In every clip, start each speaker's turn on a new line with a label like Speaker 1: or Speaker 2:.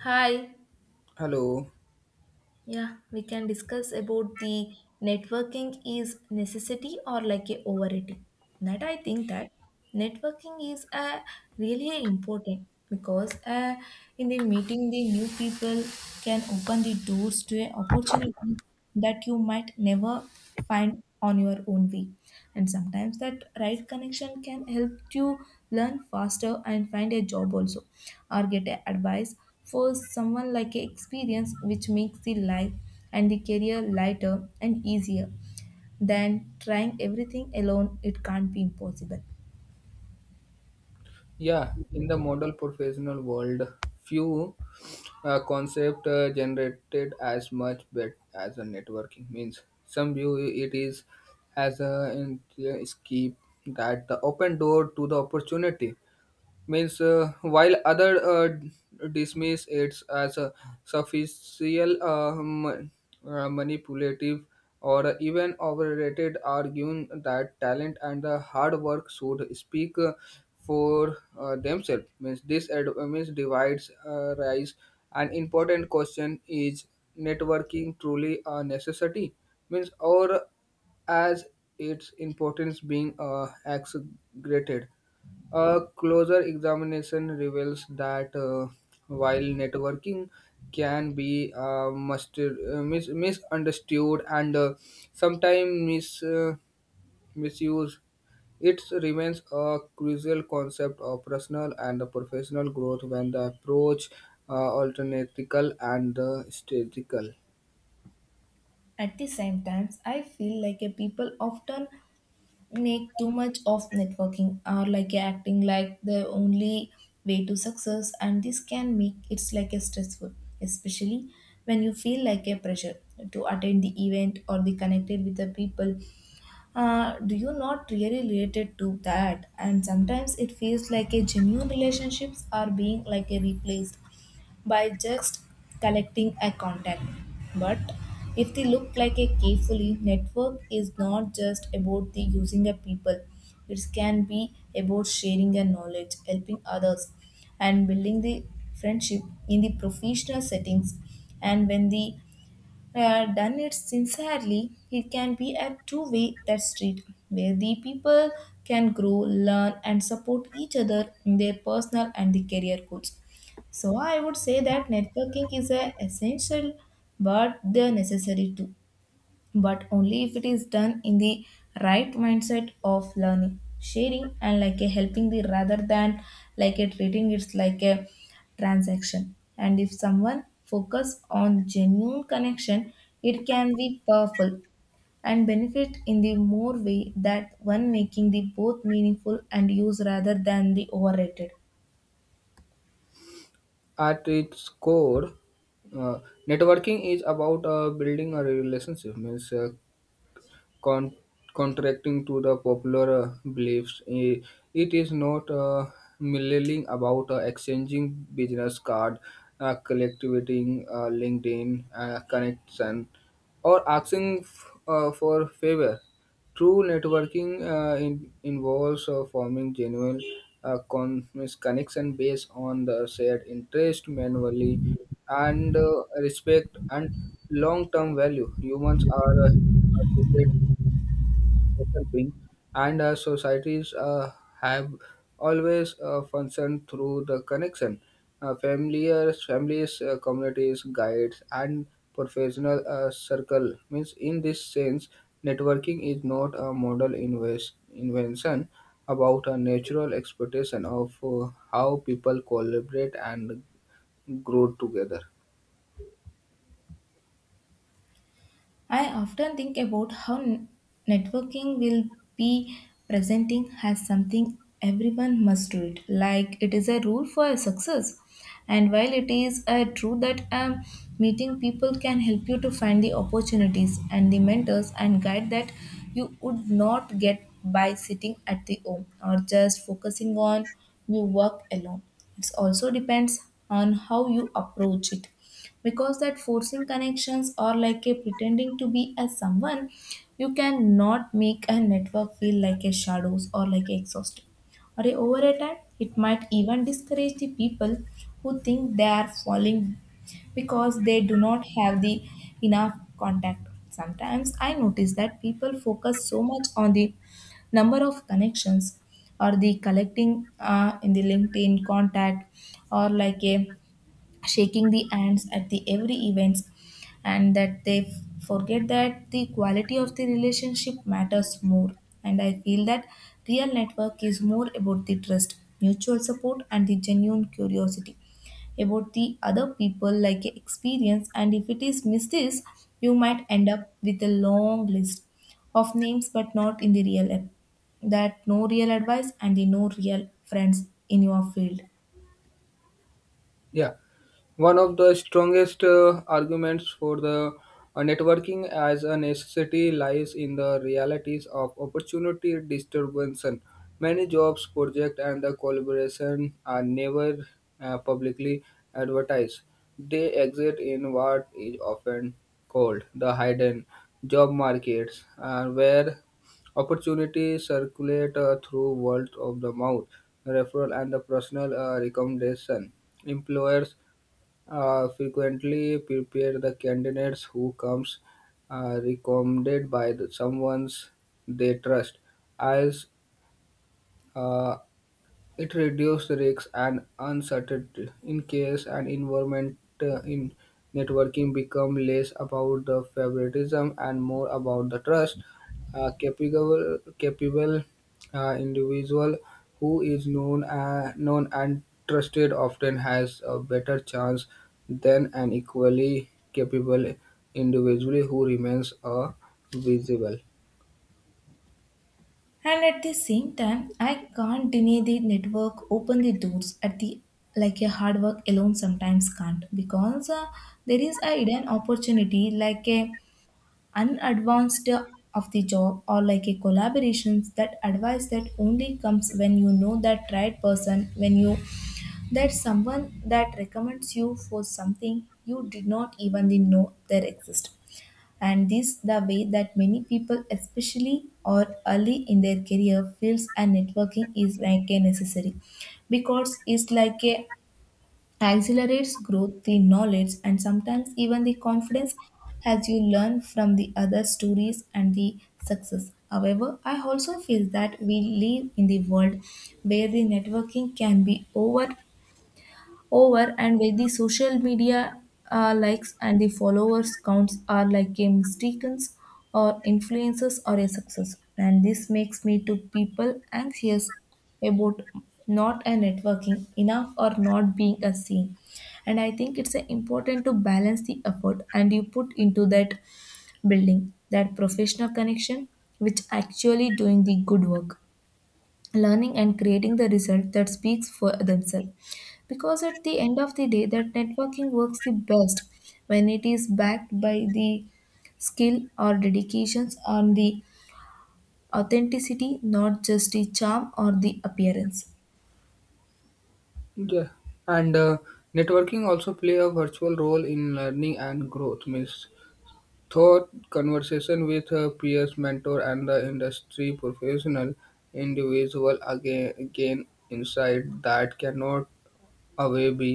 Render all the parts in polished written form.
Speaker 1: Hi.
Speaker 2: Hello.
Speaker 1: Yeah, we can discuss about the networking is necessity or like a overrated. That I think that networking is a really a important because in the meeting the new people can open the doors to a opportunity that you might never find on your own way. And sometimes that right connection can help you learn faster and find a job also, or get a advice for someone like a experience which makes the life and the career lighter and easier than trying everything alone it can't be impossible.
Speaker 2: Yeah, in the model professional world, few concept generated as much bet as a networking means. Some view it is as a escape that the open door to the opportunity. Means while other dismiss it as a superficial manipulative or even overrated, arguing that talent and the hard work should speak for themselves means this means divides rise an important question is networking truly a necessity means or as its importance being exaggerated. A closer examination reveals that while networking can be misunderstood and sometimes misused, it remains a crucial concept of personal and professional growth when the approach alternatical and the statistical.
Speaker 1: At the same times, I feel like a people often make too much of networking or like acting like the only way to success, and this can make it's like a stressful, especially when you feel like a pressure to attend the event or be connected with the people do you not really related to that. And sometimes it feels like a genuine relationships are being like a replaced by just collecting a contact. But if they look like a carefully, network is not just about the using a people, it can be about sharing a knowledge, helping others, and building the friendship in the professional settings. And when the done it sincerely, it can be a two way that street where the people can grow, learn, and support each other in their personal and the career goals. So I would say that networking is a essential but the necessary too, but only if it is done in the right mindset of learning, sharing, and like a helping the, rather than like a treating it's like a transaction. And if someone focus on genuine connection, it can be powerful and benefit in the more way that one, making the both meaningful and use rather than the overrated.
Speaker 2: At its core, uh, networking is about building a relationship means con- contracting to the popular beliefs. It is not merely about exchanging business card, collecting LinkedIn connection, or asking for favor. True networking involves forming genuine means connection based on the shared interest manually and respect and long-term value. Humans are social being, and societies have always functioned through the connection. Familiars, families, communities, guides, and professional circle means in this sense, networking is not a model invest, invention about a natural expectation of how people collaborate and grow together.
Speaker 1: I often think about how networking will be presenting as something everyone must do it, like it is a rule for success. And while it is a true that meeting people can help you to find the opportunities and the mentors and guide that you would not get by sitting at the home or just focusing on your work alone. It also depends on how you approach it, because that forcing connections or like a pretending to be as someone you cannot make a network feel like a shadows or like a exhausting, or a over a time it might even discourage the people who think they are falling because they do not have the enough contact. Sometimes I notice that people focus so much on the number of connections or the collecting in the LinkedIn contact, or like a shaking the hands at the every events, and that they forget that the quality of the relationship matters more. And I feel that real network is more about the trust, mutual support, and the genuine curiosity about the other people like a experience. And if it is missed this, you might end up with a long list of names but not in the real app, that no real advice and the no real friends in your field.
Speaker 2: Yeah. One of the strongest arguments for the networking as a necessity lies in the realities of opportunity disturbance. Many jobs, projects, and the collaboration are never publicly advertised. They exist in what is often called the hidden job markets, where opportunities circulate through word of the mouth, referral, and the personal recommendation. Employers frequently prepare the candidates who comes recommended by the someone's they trust as uh, it reduces risks and uncertainty in case an environment in networking become less about the favoritism and more about the trust. A capable individual who is known and trusted often has a better chance than an equally capable individual who remains visible.
Speaker 1: And at the same time, I can't deny the network open the doors at the like a hard work alone sometimes can't, because there is a hidden opportunity like a unadvanced of the job, or like a collaborations that advice that only comes when you know that right person, when you that someone that recommends you for something you did not even know there exists. And this the way that many people, especially or early in their career, feels. And networking is like a necessary because it's like a accelerates growth, the knowledge, and sometimes even the confidence as you learn from the other stories and the success. However, I also feel that we live in the world where the networking can be over and where the social media likes and the followers counts are like a mistaken's or influences or a success. And this makes me to people anxious about not a networking enough or not being a seen. And I think it's important to balance the effort and you put into that building that professional connection, which actually doing the good work, learning, and creating the result that speaks for themselves. Because at the end of the day, that networking works the best when it is backed by the skill or dedications on the authenticity, not just the charm or the appearance.
Speaker 2: Yeah, and networking also play a virtual role in learning and growth. Means thought conversation with peers, mentor, and the industry professional individual again gain insight that cannot away be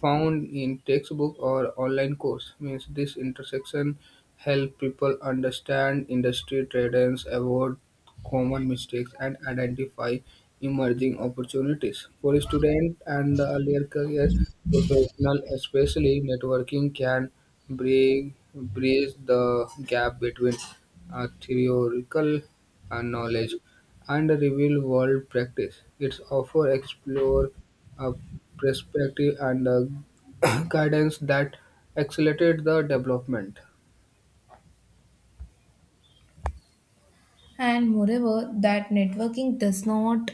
Speaker 2: found in textbook or online course. Means this intersection help people understand industry trends, avoid common mistakes, and identify emerging opportunities for student and the earlier career professional. Especially networking can bring bridge the gap between theoretical knowledge and real world practice. It's offer explore uh, perspective and guidance that accelerated the development.
Speaker 1: And moreover, that networking does not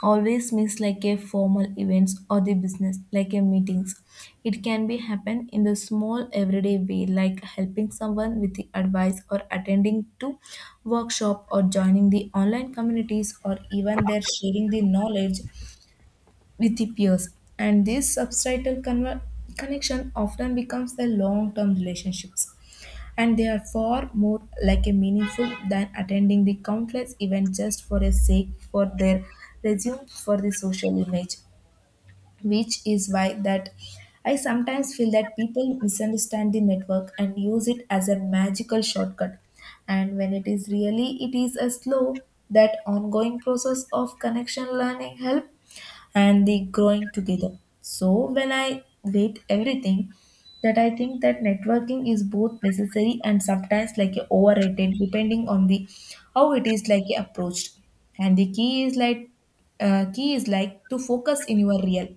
Speaker 1: always means like a formal events or the business like a meetings. It can be happen in the small everyday way, like helping someone with the advice or attending to workshop or joining the online communities, or even their sharing the knowledge with the peers. And this subtitle connection often becomes the long term relationships. And they are far more like a meaningful than attending the countless events just for a sake for their resume for the social image, which is why that I sometimes feel that people misunderstand the network and use it as a magical shortcut. And when it is really, it is a slow that ongoing process of connection, learning, help, and the growing together. So when I weight everything, that I think that networking is both necessary and sometimes like a overrated, depending on the how it is like approached. And the key is like key is like to focus in your real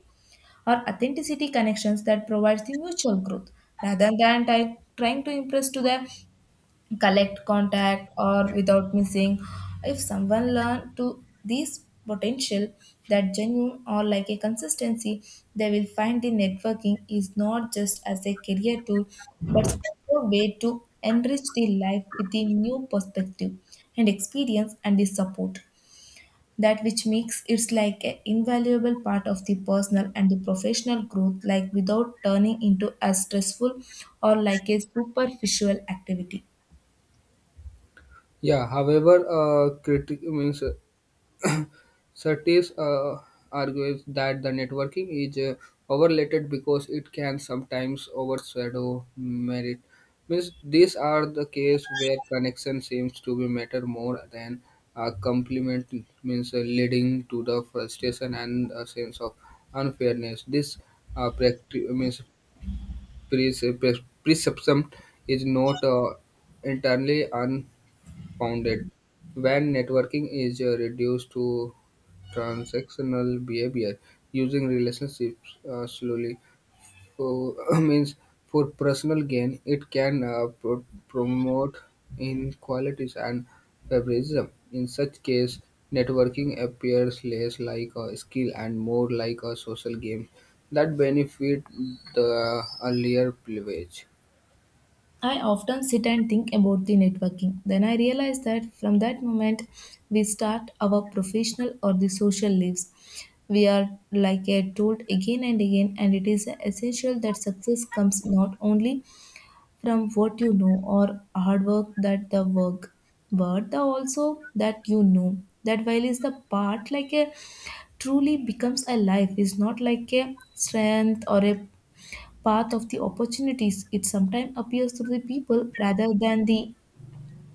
Speaker 1: or authenticity connections that provides the mutual growth, rather than trying to impress to the collect contact or without missing. If someone learn to these potential that genuine or like a consistency, they will find the networking is not just as a career tool but also a way to enrich the life with a new perspective and experience and the support that which makes it's like an invaluable part of the personal and the professional growth, like without turning into a stressful or like a superficial activity.
Speaker 2: Yeah, however, critic means Surtees argues that the networking is overrated because it can sometimes overshadow merit. Means these are the case where connection seems to be matter more than a compliment. Means leading to the frustration and a sense of unfairness. This means perception is not entirely unfounded. When networking is reduced to transactional behavior, using relationships slowly for means for personal gain, it can promote inequalities and favoritism. In such case, networking appears less like a skill and more like a social game that benefit the earlier privilege.
Speaker 1: I often sit and think about the networking. Then I realize that from that moment we start our professional or the social lives. We are like a told again and again, and it is essential that success comes not only from what you know or hard work that the work, but the also that you know. That while is the part like a truly becomes a life is not like a strength or a path of the opportunities. It sometimes appears through the people rather than the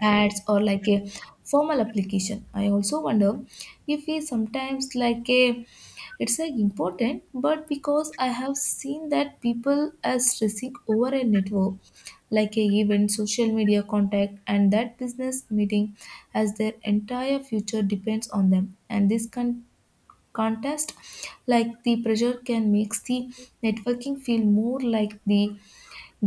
Speaker 1: ads or like a formal application. I also wonder if we sometimes like a it's like important, but because I have seen that people are stressing over a network, like a event, social media contact, and that business meeting as their entire future depends on them. And this contest, like the pressure, can makes the networking feel more like the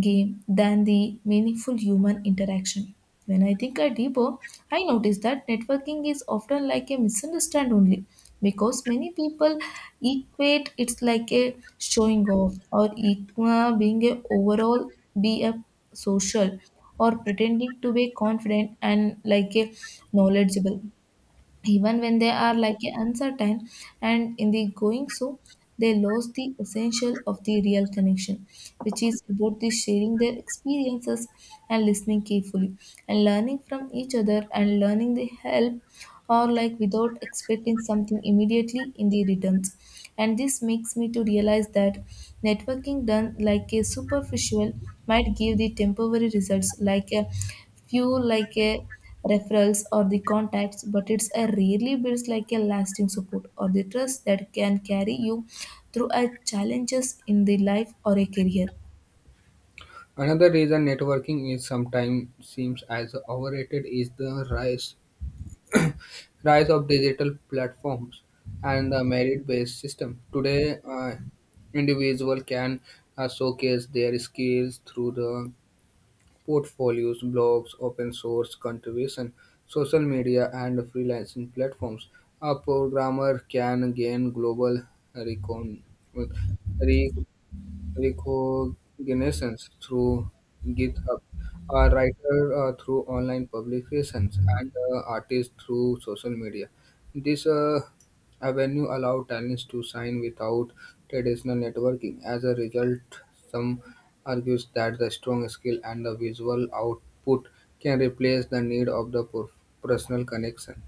Speaker 1: game than the meaningful human interaction. When I think a deeper, I notice that networking is often like a misunderstand only because many people equate it's like a showing off, or equa being a overall, be a social, or pretending to be confident and like a knowledgeable even when they are like a uncertain. And in the going so, they lose the essential of the real connection, which is about the sharing their experiences and listening carefully and learning from each other and learning the help or like without expecting something immediately in the returns. And this makes me to realize that networking done like a superficial might give the temporary results, like a few like a referrals or the contacts, but it's a rarely builds like a lasting support or the trust that can carry you through a challenges in the life or a career.
Speaker 2: Another reason networking is sometimes seems as overrated is the rise rise of digital platforms and the merit-based system. Today, individual can showcase their skills through the portfolios, blogs, open source contribution, social media, and freelancing platforms. A programmer can gain global recon- recognitions through GitHub, a writer through online publications, and artists through social media. This avenue allow talents to sign without traditional networking. As a result, some argues that the strong skill and the visual output can replace the need of the personal connection.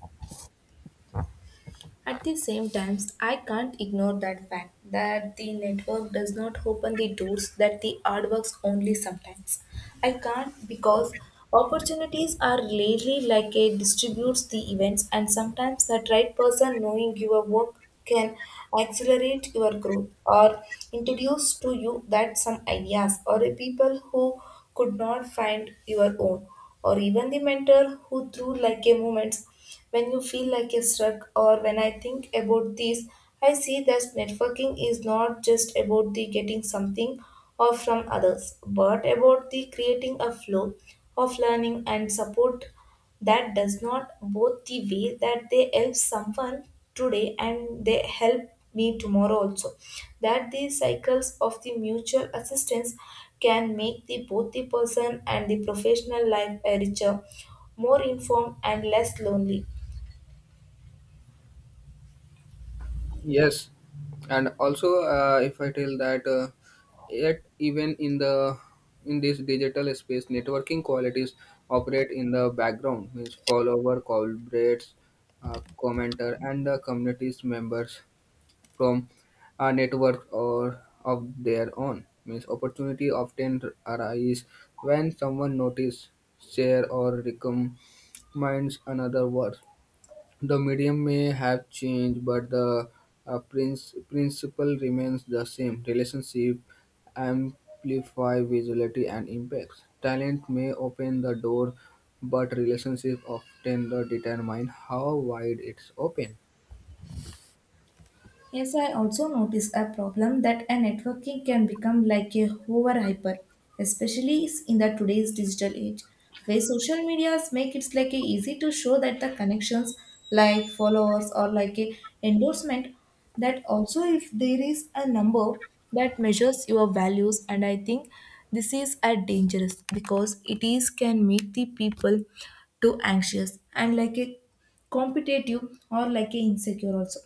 Speaker 1: At the same times, I can't ignore that fact that the network does not open the doors that the hard works only sometimes. I can't, because opportunities are rarely like a distributes the events, and sometimes that right person knowing your work can accelerate your growth or introduce to you that some ideas or a people who could not find your own, or even the mentor who threw like a moments when you feel like a struck. Or when I think about this, I see that networking is not just about the getting something or from others, but about the creating a flow of learning and support that does not both the way that they help someone today and they help me tomorrow also, that these cycles of the mutual assistance can make the both the person and the professional life a richer, more informed, and less lonely.
Speaker 2: Yes, and also if I tell that yet even in the in this digital space, networking qualities operate in the background means follower, collaborators, commenter, and the community's members from a network or of their own means opportunity often arise when someone notice, share, or recommends another work. The medium may have changed, but the principle remains the same. Relationship amplify visibility and impacts. Talent may open the door, but relationship often the determine how wide it's open.
Speaker 1: Yes, I also notice a problem that a networking can become like a hover hyper, especially in the today's digital age, where social medias make it like a easy to show that the connections like followers or like a endorsement, that also if there is a number that measures your values. And I think this is a dangerous, because it is can make the people too anxious and like a competitive or like a insecure also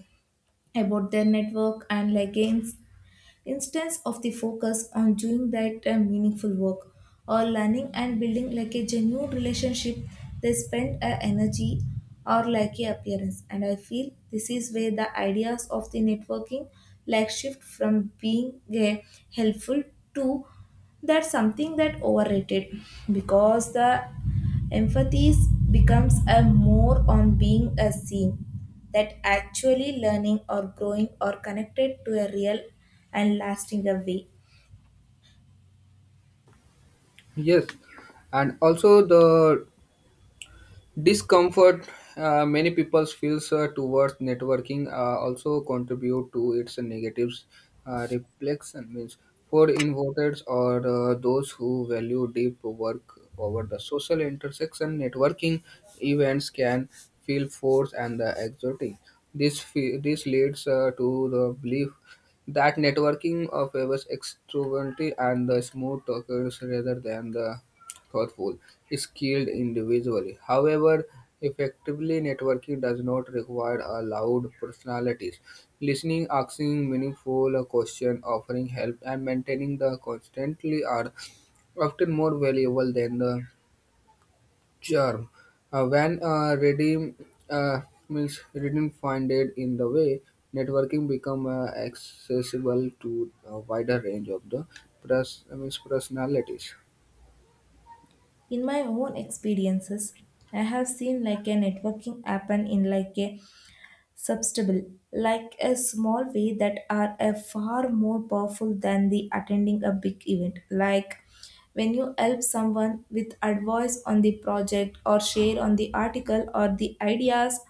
Speaker 1: about their network, and like instance of the focus on doing that meaningful work or learning and building like a genuine relationship, they spend energy or like a appearance. And I feel this is where the ideas of the networking like shift from being helpful to that's something that overrated, because the Empathy is- becomes a more on being a seen that actually learning or growing or connected to a real and lasting a way.
Speaker 2: Yes, and also the discomfort many people feels towards networking also contribute to its negatives reflection means for introverts or those who value deep work over the social intersection networking events can feel forced and exotic. This this leads to the belief that networking favors extroverty and the smooth talkers rather than the thoughtful, skilled individually. However, effectively networking does not require a loud personalities. Listening, asking meaningful questions, offering help, and maintaining the constantly are often more valuable than the charm. When redeem uh, means redeem funded in the way, networking become accessible to a wider range of the means personalities.
Speaker 1: In my own experiences, I have seen like a networking happen in like a substable, like a small way that are a far more powerful than the attending a big event. Like when you help someone with advice on the project or share on the article or the ideas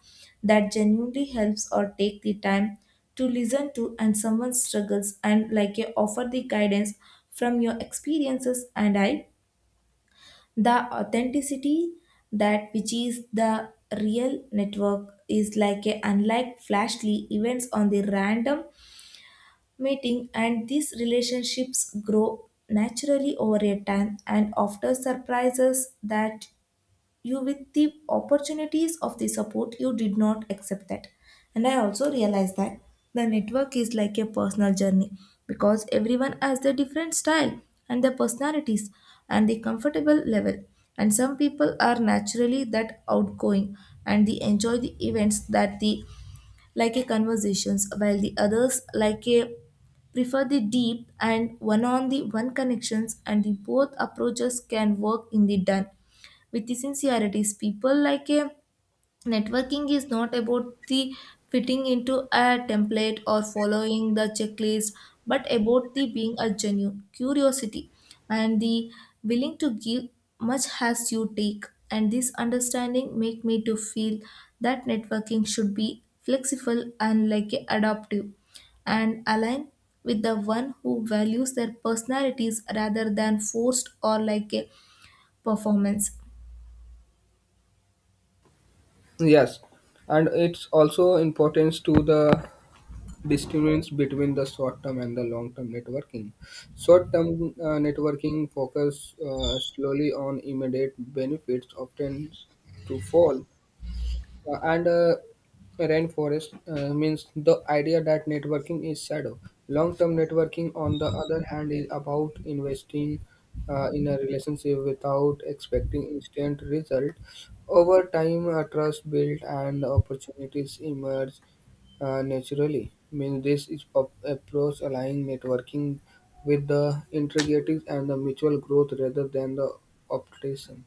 Speaker 1: that genuinely helps, or take the time to listen to and someone struggles and like you offer the guidance from your experiences. And I the authenticity that which is the real network is like a unlike flashly events on the random meeting, and these relationships grow naturally over a time and often surprises that you with the opportunities of the support you did not accept that. And I also realized that the network is like a personal journey, because everyone has their different style and their personalities and the comfortable level. And some people are naturally that outgoing and they enjoy the events that the like a conversations, while the others like a prefer the deep and one on the one connections. And the both approaches can work in the done with the sincerities. People like a networking is not about the fitting into a template or following the checklist, but about the being a genuine curiosity and the willing to give much as you take. And this understanding make me to feel that networking should be flexible and like a adaptive and align with the one who values their personalities rather than forced or like a performance.
Speaker 2: Yes, and it's also importance to the distinguish between the short-term and the long-term networking. Short-term networking focus slowly on immediate benefits, often to fall and rainforest means the idea that networking is shadow. Long-term networking, on the other hand, is about investing in a relationship without expecting instant result. Over time, trust built and opportunities emerge naturally. Means this is approach aligning networking with the integrities and the mutual growth rather than the optation.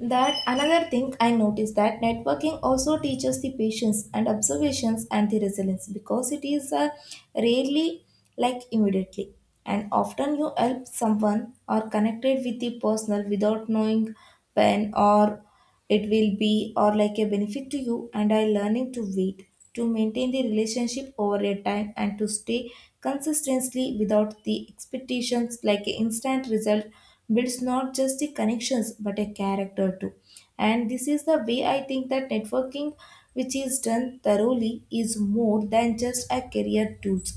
Speaker 1: That another thing I noticed that networking also teaches the patience and observations and the resilience, because it is rarely like immediately, and often you help someone or connected with the personal without knowing when or it will be or like a benefit to you. And I learning to wait, to maintain the relationship over a time, and to stay consistently without the expectations like an instant result builds not just the connections but a character too. And this is the way I think that networking which is done thoroughly is more than just a career tools.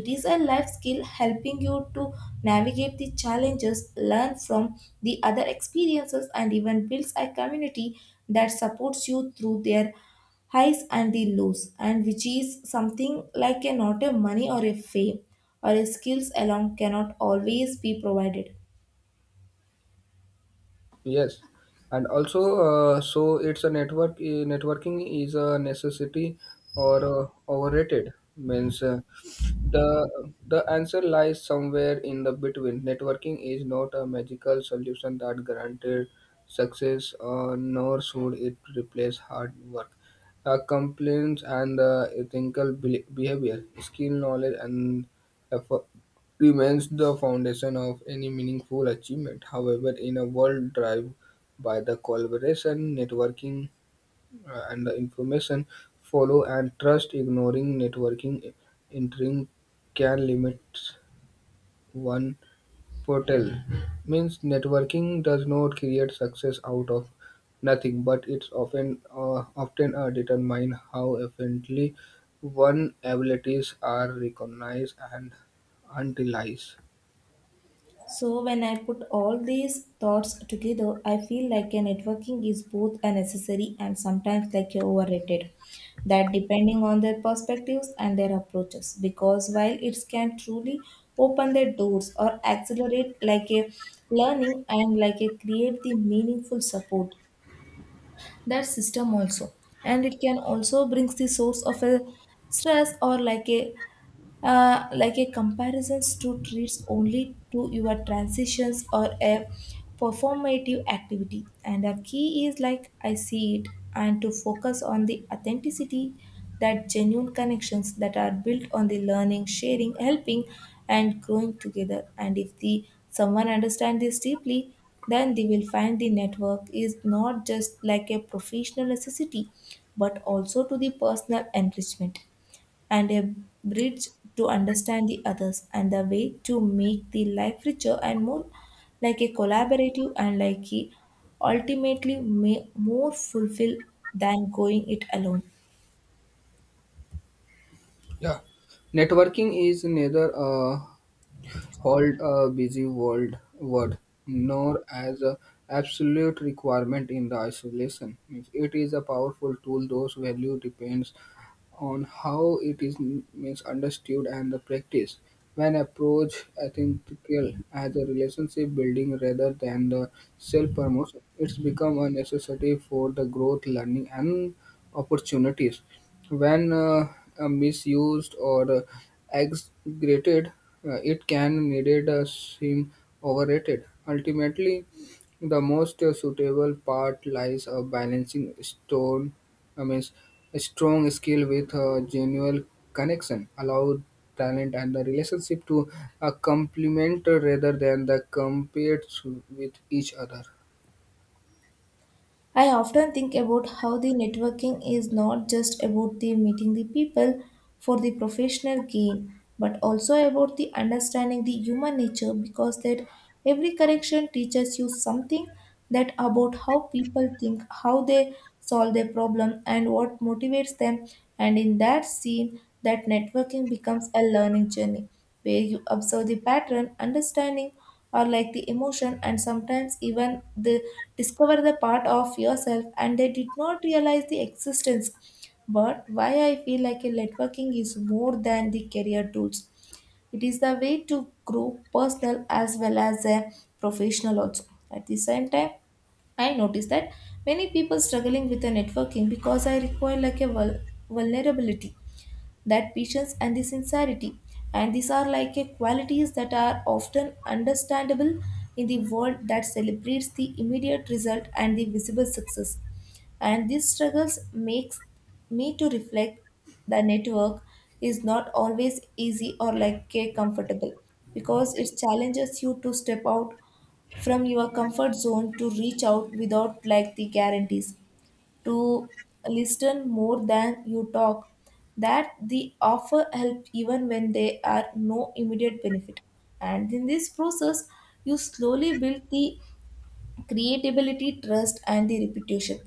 Speaker 1: It is a life skill, helping you to navigate the challenges, learn from the other experiences, and even builds a community that supports you through their highs and the lows, and which is something like a not a money or a fame or a skills alone cannot always be provided.
Speaker 2: Yes, and also so it's a network. Networking is a necessity or overrated. Means the answer lies somewhere in the between. Networking is not a magical solution that guaranteed success, nor should it replace hard work, complaints, and ethical behavior, skill, knowledge, and effort remains the foundation of any meaningful achievement. However, in a world driven by the collaboration, networking, and the information follow and trust, ignoring networking entering can limit one portal. Means networking does not create success out of nothing, but it's often determine how efficiently one abilities are recognized and utilized.
Speaker 1: So, when I put all these thoughts together, I feel like a networking is both a necessary and sometimes like a overrated. That depending on their perspectives and their approaches, because while it can truly open their doors or accelerate like a learning and like a create the meaningful support, that system also, and it can also brings the source of a stress or like a comparisons to treats only to your transitions or a performative activity. And the key is like I see it, and to focus on the authenticity, that genuine connections that are built on the learning, sharing, helping, and growing together. And if the someone understand this deeply, then they will find the network is not just like a professional necessity but also to the personal enrichment, and a bridge to understand the others, and the way to make the life richer and more like a collaborative and like a ultimately may more fulfill than going it alone.
Speaker 2: Yeah, networking is neither a hold a busy world word nor as a absolute requirement in the isolation. Means it is a powerful tool. Those value depends on how it is means understood and the practice. When approach ethical as a relationship building rather than the self promotion, it's become a necessity for the growth, learning, and opportunities. When misused or exaggerated, it can needed seem overrated. Ultimately, the most suitable part lies a balancing stone. I mean, a strong skill with a genuine connection allow talent and the relationship to complement rather than the compete with each other.
Speaker 1: I often think about how the networking is not just about the meeting the people for the professional gain, but also about the understanding the human nature, because that every connection teaches you something that about how people think, how they solve their problem, and what motivates them. And in that scene, that networking becomes a learning journey, where you observe the pattern, understanding or like the emotion, and sometimes even the discover the part of yourself and they did not realize the existence. But why I feel like a networking is more than the career tools, it is the way to grow personal as well as a professional also. At the same time, I noticed that many people struggling with the networking because I require like a vulnerability, that patience and the sincerity, and these are like a qualities that are often understandable in the world that celebrates the immediate result and the visible success. And these struggles makes me to reflect the network is not always easy or like a comfortable, because it challenges you to step out from your comfort zone, to reach out without like the guarantees, to listen more than you talk, that the offer help even when there are no immediate benefit. And in this process, you slowly build the creatability, trust, and the reputation,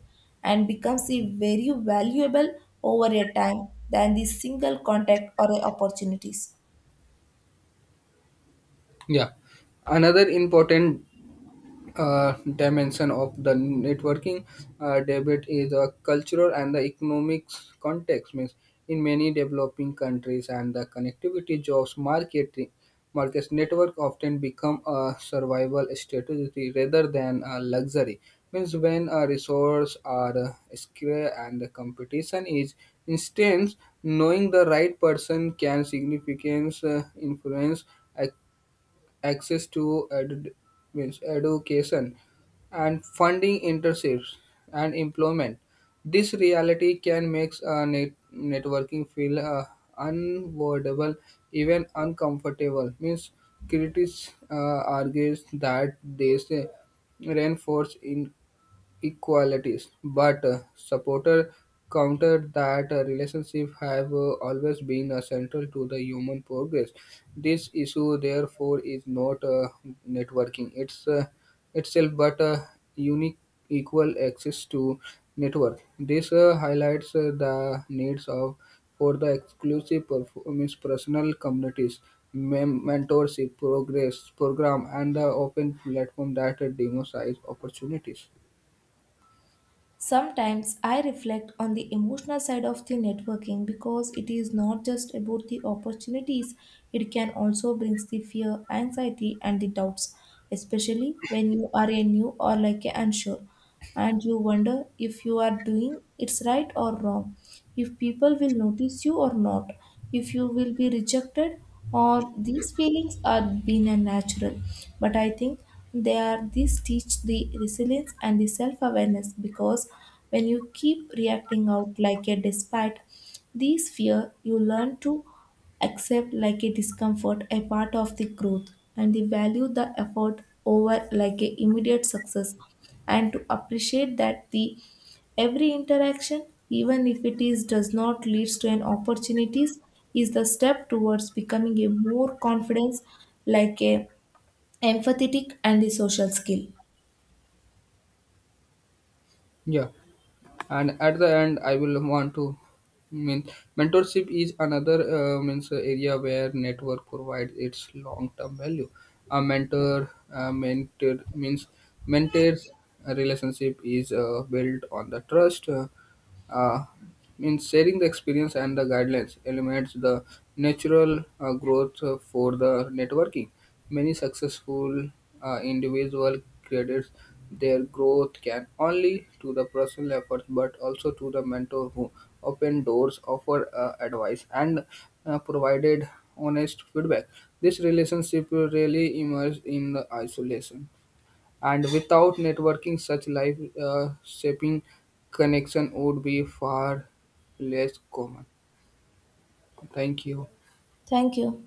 Speaker 1: and becomes a very valuable over a time than the single contact or opportunities.
Speaker 2: Yeah, another important dimension of the networking debate is a cultural and the economics context means in many developing countries and the connectivity jobs marketing markets network often become a survival strategy rather than a luxury means when a resource are scarce and the competition is intense knowing the right person can significantly influence access to means education and funding internships and employment. This reality can make networking feel unavoidable, even uncomfortable. Means critics argues that this reinforces in equalities, but supporter countered that relationships have always been central to the human progress. This issue, therefore, is not networking itself, but a unique equal access to network. This highlights the needs of for the exclusive performance personal communities mentorship progress program and the open platform that democratize opportunities.
Speaker 1: Sometimes I reflect on the emotional side of the networking, because it is not just about the opportunities, it can also bring the fear, anxiety, and the doubts, especially when you are a new or like a unsure, and you wonder if you are doing it's right or wrong, if people will notice you or not, if you will be rejected, or these feelings are being unnatural. But I think they are these teach the resilience and the self-awareness, because when you keep reacting out like a despite these fear, you learn to accept like a discomfort a part of the growth, and the value the effort over like a immediate success, and to appreciate that the Every interaction, even if it is does not leads to an opportunities, is the step towards becoming a more confidence, like a empathetic and a social skill.
Speaker 2: Yeah, and at the end, I will want to mean mentorship is another means area where network provides its long-term value. A mentors a relationship is built on the trust. Uh, Means sharing the experience and the guidelines eliminates the natural growth for the networking. Many successful individual credits their growth can only to the personal efforts but also to the mentor who opened doors, offered advice, and provided honest feedback. This relationship really emerged in the isolation. And without networking, such life shaping connection would be far less common. Thank you.
Speaker 1: Thank you.